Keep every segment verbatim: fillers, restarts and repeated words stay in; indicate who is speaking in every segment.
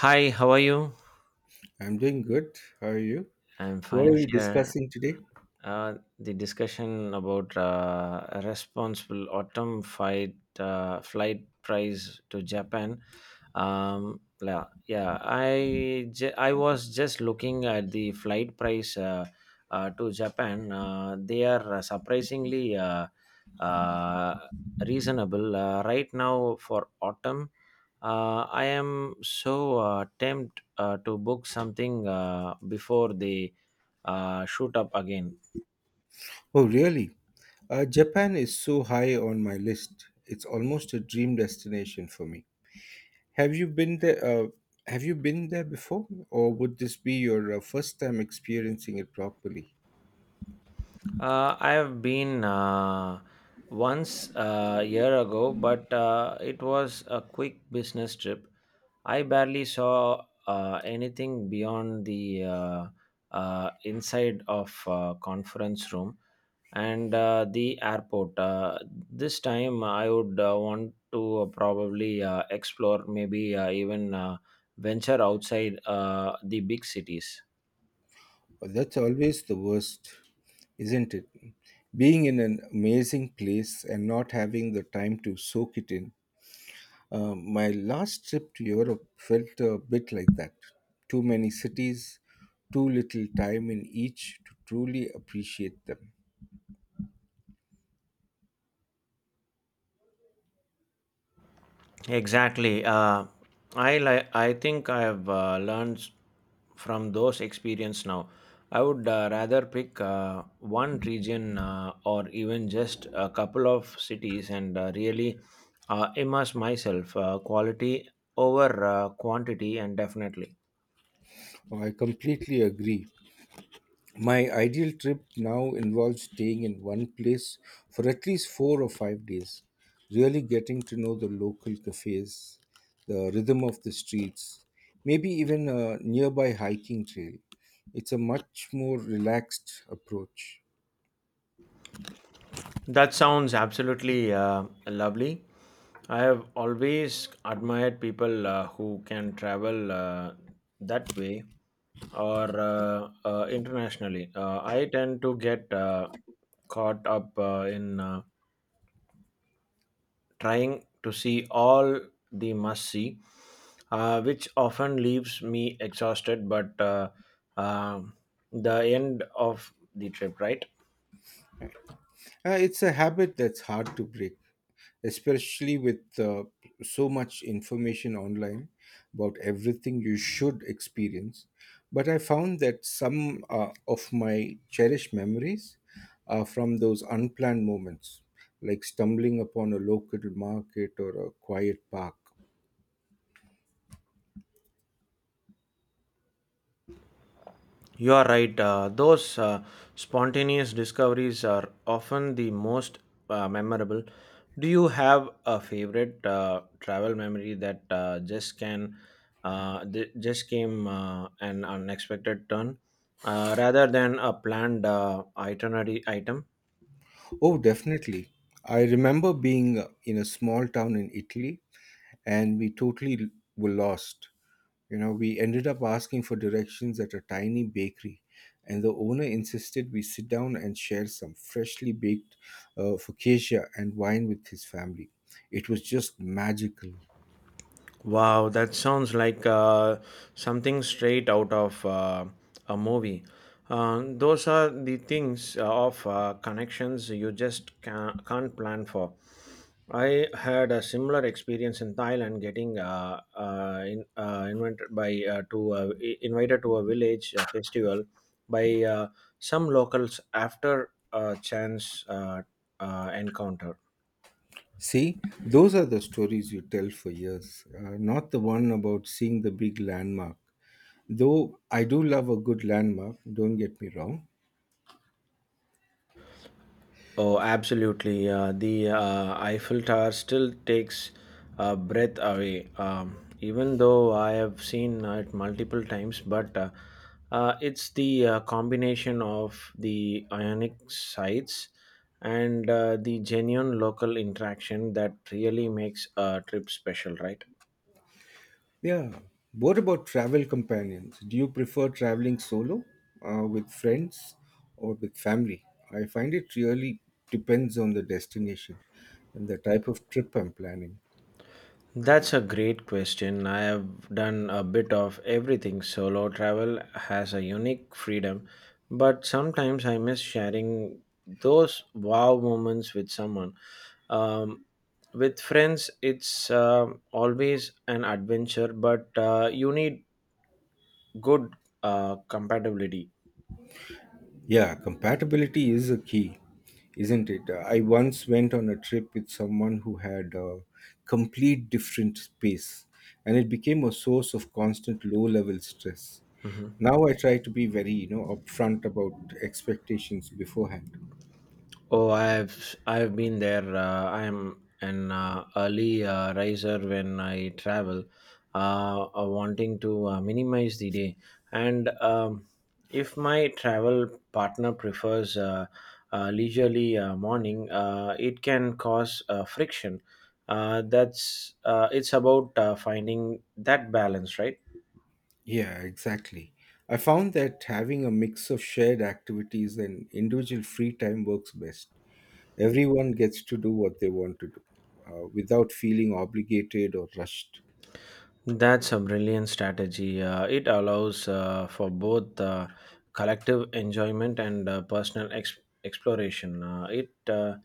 Speaker 1: Hi, how are you?
Speaker 2: I'm doing good. How are you?
Speaker 1: I'm
Speaker 2: So what are
Speaker 1: fine
Speaker 2: we
Speaker 1: here.
Speaker 2: discussing today?
Speaker 1: Uh, the discussion about uh, a responsible autumn fight, uh, flight price to Japan. Um yeah yeah i ju- i was just looking at the flight price uh, uh, to Japan. Uh, they are uh, surprisingly uh, uh, reasonable uh, right now for autumn. uh, I am so uh, tempted uh, to book something uh, before they uh, shoot up again.
Speaker 2: Oh, really? Uh, Japan is so high on my list. It's almost a dream destination for me. Have you been there? Uh, have you been there before, or would this be your uh, first time experiencing it properly?
Speaker 1: Uh, I have been uh, once a year ago, but uh, it was a quick business trip. I barely saw uh, anything beyond the uh, uh, inside of uh, conference room and uh, the airport. Uh, this time, I would uh, want to uh, probably uh, explore, maybe uh, even uh, venture outside uh, the big cities.
Speaker 2: Oh, that's always the worst, isn't it? Being in an amazing place and not having the time to soak it in. Um, my last trip to Europe felt a bit like that. Too many cities, too little time in each to truly appreciate them.
Speaker 1: Exactly. Uh, I like. I think I have uh, learned s- from those experience now. I would uh, rather pick uh, one region uh, or even just a couple of cities and uh, really uh, immerse myself. Uh, quality over uh, quantity, and definitely.
Speaker 2: I completely agree. My ideal trip now involves staying in one place for at least four or five days, really getting to know the local cafes, the rhythm of the streets, maybe even a nearby hiking trail. It's a much more relaxed approach.
Speaker 1: That sounds absolutely uh, lovely. I have always admired people uh, who can travel uh, that way or uh, uh, internationally. Uh, I tend to get uh, caught up uh, in uh, trying to see all the must see, uh, which often leaves me exhausted, but uh, um the end of the trip, right?
Speaker 2: Uh, it's a habit that's hard to break, especially with uh, so much information online about everything you should experience. But I found that some uh, of my cherished memories are from those unplanned moments, like stumbling upon a local market or a quiet park.
Speaker 1: You are right. Uh, those uh, spontaneous discoveries are often the most uh, memorable. Do you have a favorite uh, travel memory that uh, just can uh, th- just came uh, an unexpected turn, uh, rather than a planned uh, itinerary item?
Speaker 2: Oh, definitely. I remember being uh, in a small town in Italy, and we totally were lost. You know, we ended up asking for directions at a tiny bakery, and the owner insisted we sit down and share some freshly baked uh, focaccia and wine with his family. It was just magical.
Speaker 1: Wow, that sounds like uh, something straight out of uh, a movie. Uh, those are the things uh, of uh, connections you just ca- can't plan for. I had a similar experience in Thailand, getting uh, uh, in, uh, invited by uh, to uh, I- invited to a village uh, festival by uh, some locals after a chance uh, uh, encounter.
Speaker 2: See, those are the stories you tell for years, uh, not the one about seeing the big landmark. Though I do love a good landmark, don't get me wrong.
Speaker 1: Oh, absolutely. Uh, the uh, Eiffel Tower still takes uh, breath away, um, even though I have seen it multiple times. But uh, uh, it's the uh, combination of the ionic sites and uh, the genuine local interaction that really makes a trip special, right?
Speaker 2: Yeah. What about travel companions? Do you prefer traveling solo, uh, with friends, or with family? I find it really depends on the destination and the type of trip I'm planning.
Speaker 1: That's a great question. I have done a bit of everything. Solo travel has a unique freedom, but sometimes I miss sharing those wow moments with someone. Um, with friends, it's uh, always an adventure, but uh, you need good uh, compatibility.
Speaker 2: Yeah, compatibility is a key, isn't it? I once went on a trip with someone who had a complete different space, and it became a source of constant low level stress.
Speaker 1: Mhm.
Speaker 2: Now I try to be very, you know, upfront about expectations beforehand.
Speaker 1: Oh, I've I've been there. Uh, I'm an uh, early uh, riser when I travel, uh, uh, wanting to uh, minimize the day. And um, if my travel partner prefers uh, uh, leisurely uh, morning, uh, it can cause uh, friction. Uh, that's uh, it's about uh, finding that balance, right?
Speaker 2: Yeah, exactly. I found that having a mix of shared activities and individual free time works best. Everyone gets to do what they want to do uh, without feeling obligated or rushed.
Speaker 1: That's a brilliant strategy. Uh, it allows uh, for both uh, collective enjoyment and uh, personal ex- exploration. Uh, it uh,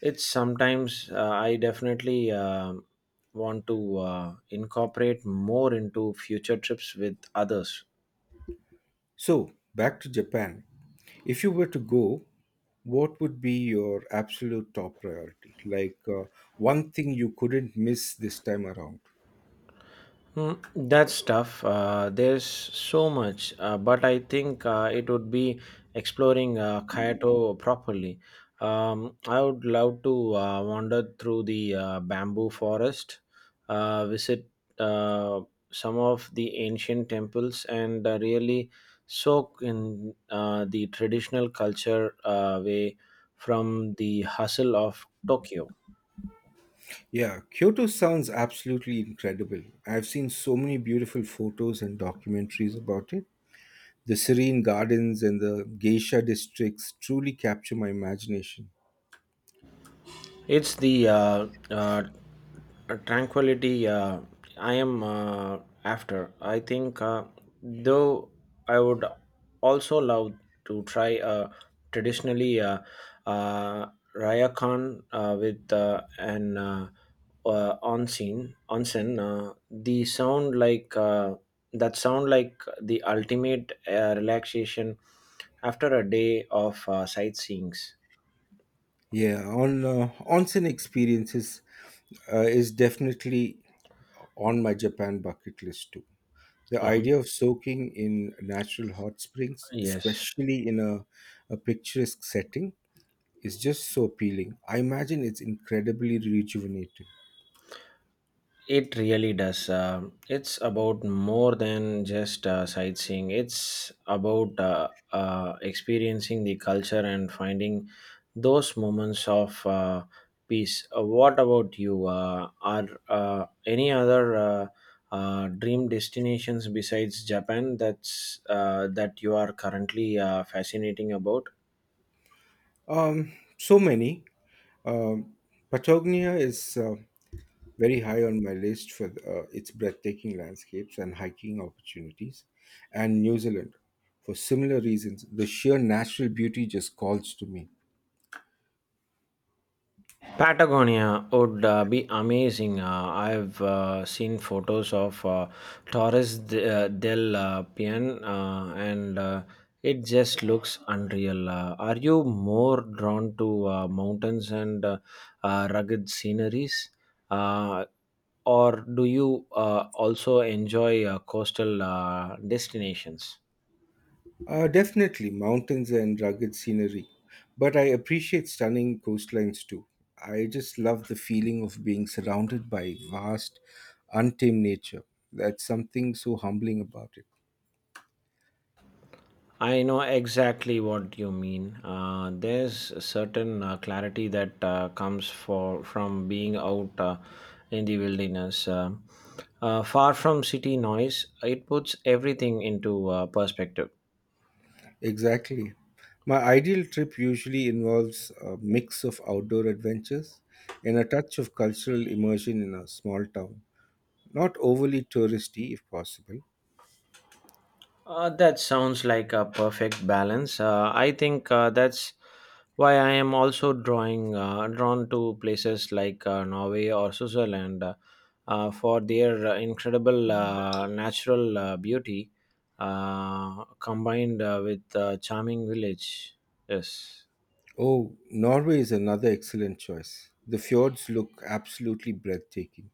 Speaker 1: it's sometimes uh, I definitely um want to uh, incorporate more into future trips with others.
Speaker 2: So, back to Japan. If you were to go, what would be your absolute top priority? Like uh, one thing you couldn't miss this time around?
Speaker 1: Mm, that's tough. Uh, there's so much, uh, but I think uh, it would be exploring uh, Kyoto properly. Um, I would love to uh, wander through the uh, bamboo forest, uh, visit uh, some of the ancient temples, and uh, really soak in uh, the traditional culture uh, way from the hustle of Tokyo.
Speaker 2: Yeah, Kyoto sounds absolutely incredible. I've seen so many beautiful photos and documentaries about it. The serene gardens and the geisha districts truly capture my imagination.
Speaker 1: It's the uh, uh, uh, tranquility uh, I am uh, after. I think uh, though I would also love to try uh, traditionally uh, uh, rayakan uh, with uh, an uh, uh, onsen onsen uh, the sound like uh, That sound like the ultimate uh, relaxation after a day of uh, sightseeings.
Speaker 2: Yeah, on uh, onsen experiences uh, is definitely on my Japan bucket list too. The
Speaker 1: uh
Speaker 2: idea of soaking in natural hot springs,
Speaker 1: yes.
Speaker 2: especially in a, a picturesque setting, is just so appealing. I imagine it's incredibly rejuvenating.
Speaker 1: It really does. Um it's about more than just uh, sightseeing. It's about uh, uh, experiencing the culture and finding those moments of uh, peace. Uh, what about you? Uh, are uh, any other uh, uh, dream destinations besides Japan that's uh, that you are currently uh, fascinating about?
Speaker 2: Um, so many. Um, Patagonia is uh, very high on my list for uh, its breathtaking landscapes and hiking opportunities, and New Zealand. For similar reasons, the sheer natural beauty just calls to me.
Speaker 1: Patagonia would uh, be amazing. Uh, I've uh, seen photos of uh, Torres de- uh, del uh, Paine, uh, and uh, it just looks unreal. Uh, are you more drawn to uh, mountains and uh, uh, rugged sceneries? Uh, or do you uh, also enjoy uh, coastal uh, destinations?
Speaker 2: Uh, definitely mountains and rugged scenery, but I appreciate stunning coastlines too. I just love the feeling of being surrounded by vast, untamed nature. That's something so humbling about it.
Speaker 1: I know exactly what you mean. Uh, there's a certain uh, clarity that uh, comes for from being out uh, in the wilderness, uh, uh, far from city noise. It puts everything into uh, perspective.
Speaker 2: Exactly. My ideal trip usually involves a mix of outdoor adventures and a touch of cultural immersion in a small town. Not overly touristy if possible.
Speaker 1: Uh, that sounds like a perfect balance. Uh, I think uh, that's why I am also drawing uh, drawn to places like uh, Norway or Switzerland uh, uh, for their uh, incredible uh, natural uh, beauty uh, combined uh, with uh, charming village. Yes.
Speaker 2: Oh, Norway is another excellent choice. The fjords look absolutely breathtaking.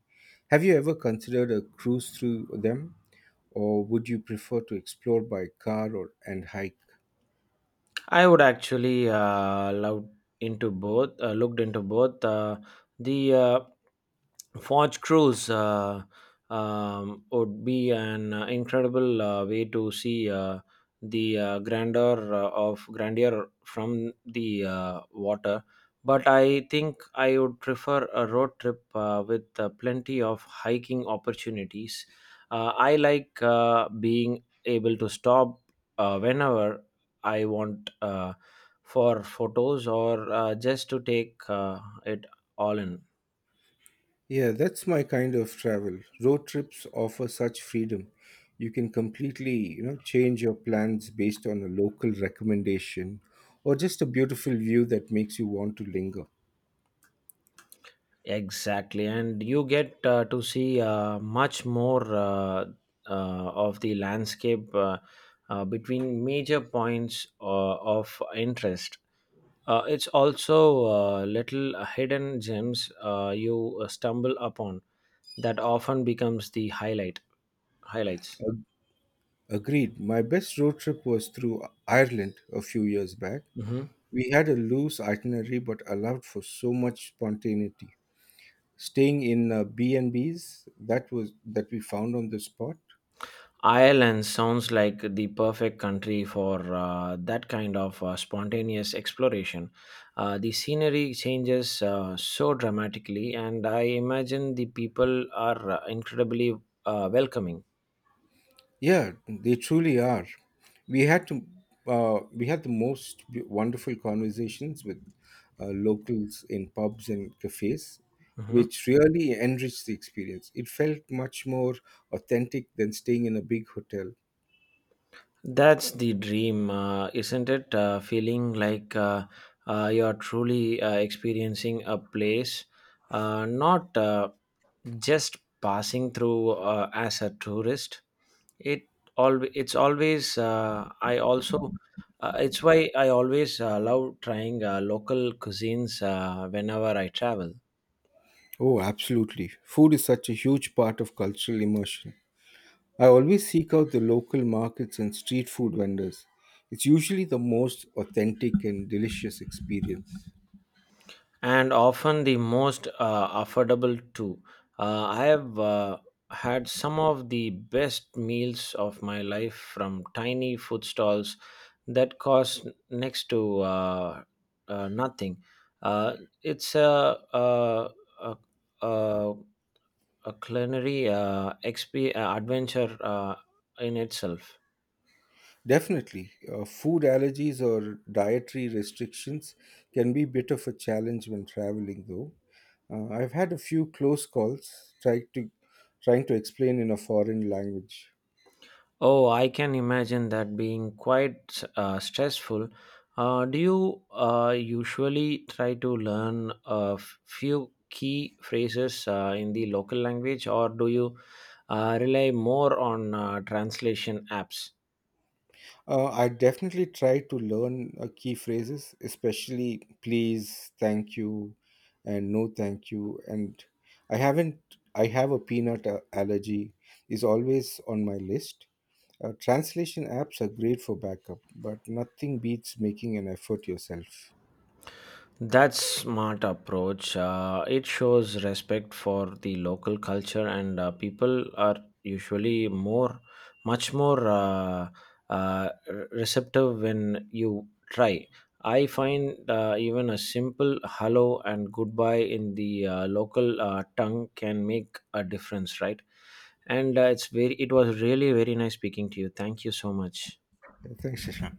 Speaker 2: Have you ever considered a cruise through them, or would you prefer to explore by car or and hike?
Speaker 1: I would actually uh, love into both, uh, looked into both. Uh, the uh, Forge Cruise uh, um, would be an uh, incredible uh, way to see uh, the uh, grandeur uh, of grandeur from the uh, water. But I think I would prefer a road trip uh, with uh, plenty of hiking opportunities. Uh, I like uh, being able to stop uh, whenever I want uh, for photos or uh, just to take uh, it all in.
Speaker 2: Yeah, that's my kind of travel. Road trips offer such freedom. You can completely, you know, change your plans based on a local recommendation or just a beautiful view that makes you want to linger.
Speaker 1: Exactly, and you get uh, to see uh, much more uh, uh, of the landscape uh, uh, between major points uh, of interest. Uh, it's also uh, little hidden gems uh, you stumble upon that often becomes the highlight highlights.
Speaker 2: Ag- Agreed. My best road trip was through Ireland a few years back.
Speaker 1: hmm
Speaker 2: We had a loose itinerary but allowed for so much spontaneity. Staying in uh, B&Bs that was that we found on the spot.
Speaker 1: Ireland sounds like the perfect country for uh, that kind of uh, spontaneous exploration. Uh, the scenery changes uh, so dramatically, and I imagine the people are uh, incredibly uh, welcoming.
Speaker 2: Yeah, they truly are. We had to uh, we had the most b- wonderful conversations with uh, locals in pubs and cafes,
Speaker 1: Mhm.
Speaker 2: which really enriched the experience. It felt much more authentic than staying in a big hotel.
Speaker 1: That's the dream, uh, isn't it? Uh, feeling like uh, uh, you're truly uh, experiencing a place, uh, not uh, just passing through uh, as a tourist. It all it's always uh, I also uh, it's why I always uh, love trying uh, local cuisines uh, whenever I travel.
Speaker 2: Oh, absolutely. Food is such a huge part of cultural immersion. I always seek out the local markets and street food vendors. It's usually the most authentic and delicious experience.
Speaker 1: And often the most uh, affordable too. Uh, I have uh, had some of the best meals of my life from tiny food stalls that cost next to uh, uh, nothing. Uh, it's a, a, a, a, a culinary uh, exp- uh, adventure uh, in itself.
Speaker 2: Definitely, uh, food allergies or dietary restrictions can be a bit of a challenge when traveling, though. Uh, I've had a few close calls trying to trying to explain in a foreign language.
Speaker 1: Oh, I can imagine that being quite uh, stressful. Uh, do you uh, usually try to learn a f- few key phrases uh, in the local language, or do you uh, rely more on uh, translation apps?
Speaker 2: Uh, I definitely try to learn uh, key phrases, especially please, thank you, and no thank you. And I haven't. I have a peanut uh, allergy is always on my list. Uh, translation apps are great for backup, but nothing beats making an effort yourself.
Speaker 1: That's smart approach. Uh, it shows respect for the local culture, and uh, people are usually more, much more uh, uh, re- receptive when you try. I find uh, even a simple hello and goodbye in the uh, local uh, tongue can make a difference, right? And uh, it's very, it was really very nice speaking to you. Thank you so much.
Speaker 2: Yeah, thanks, Shashank.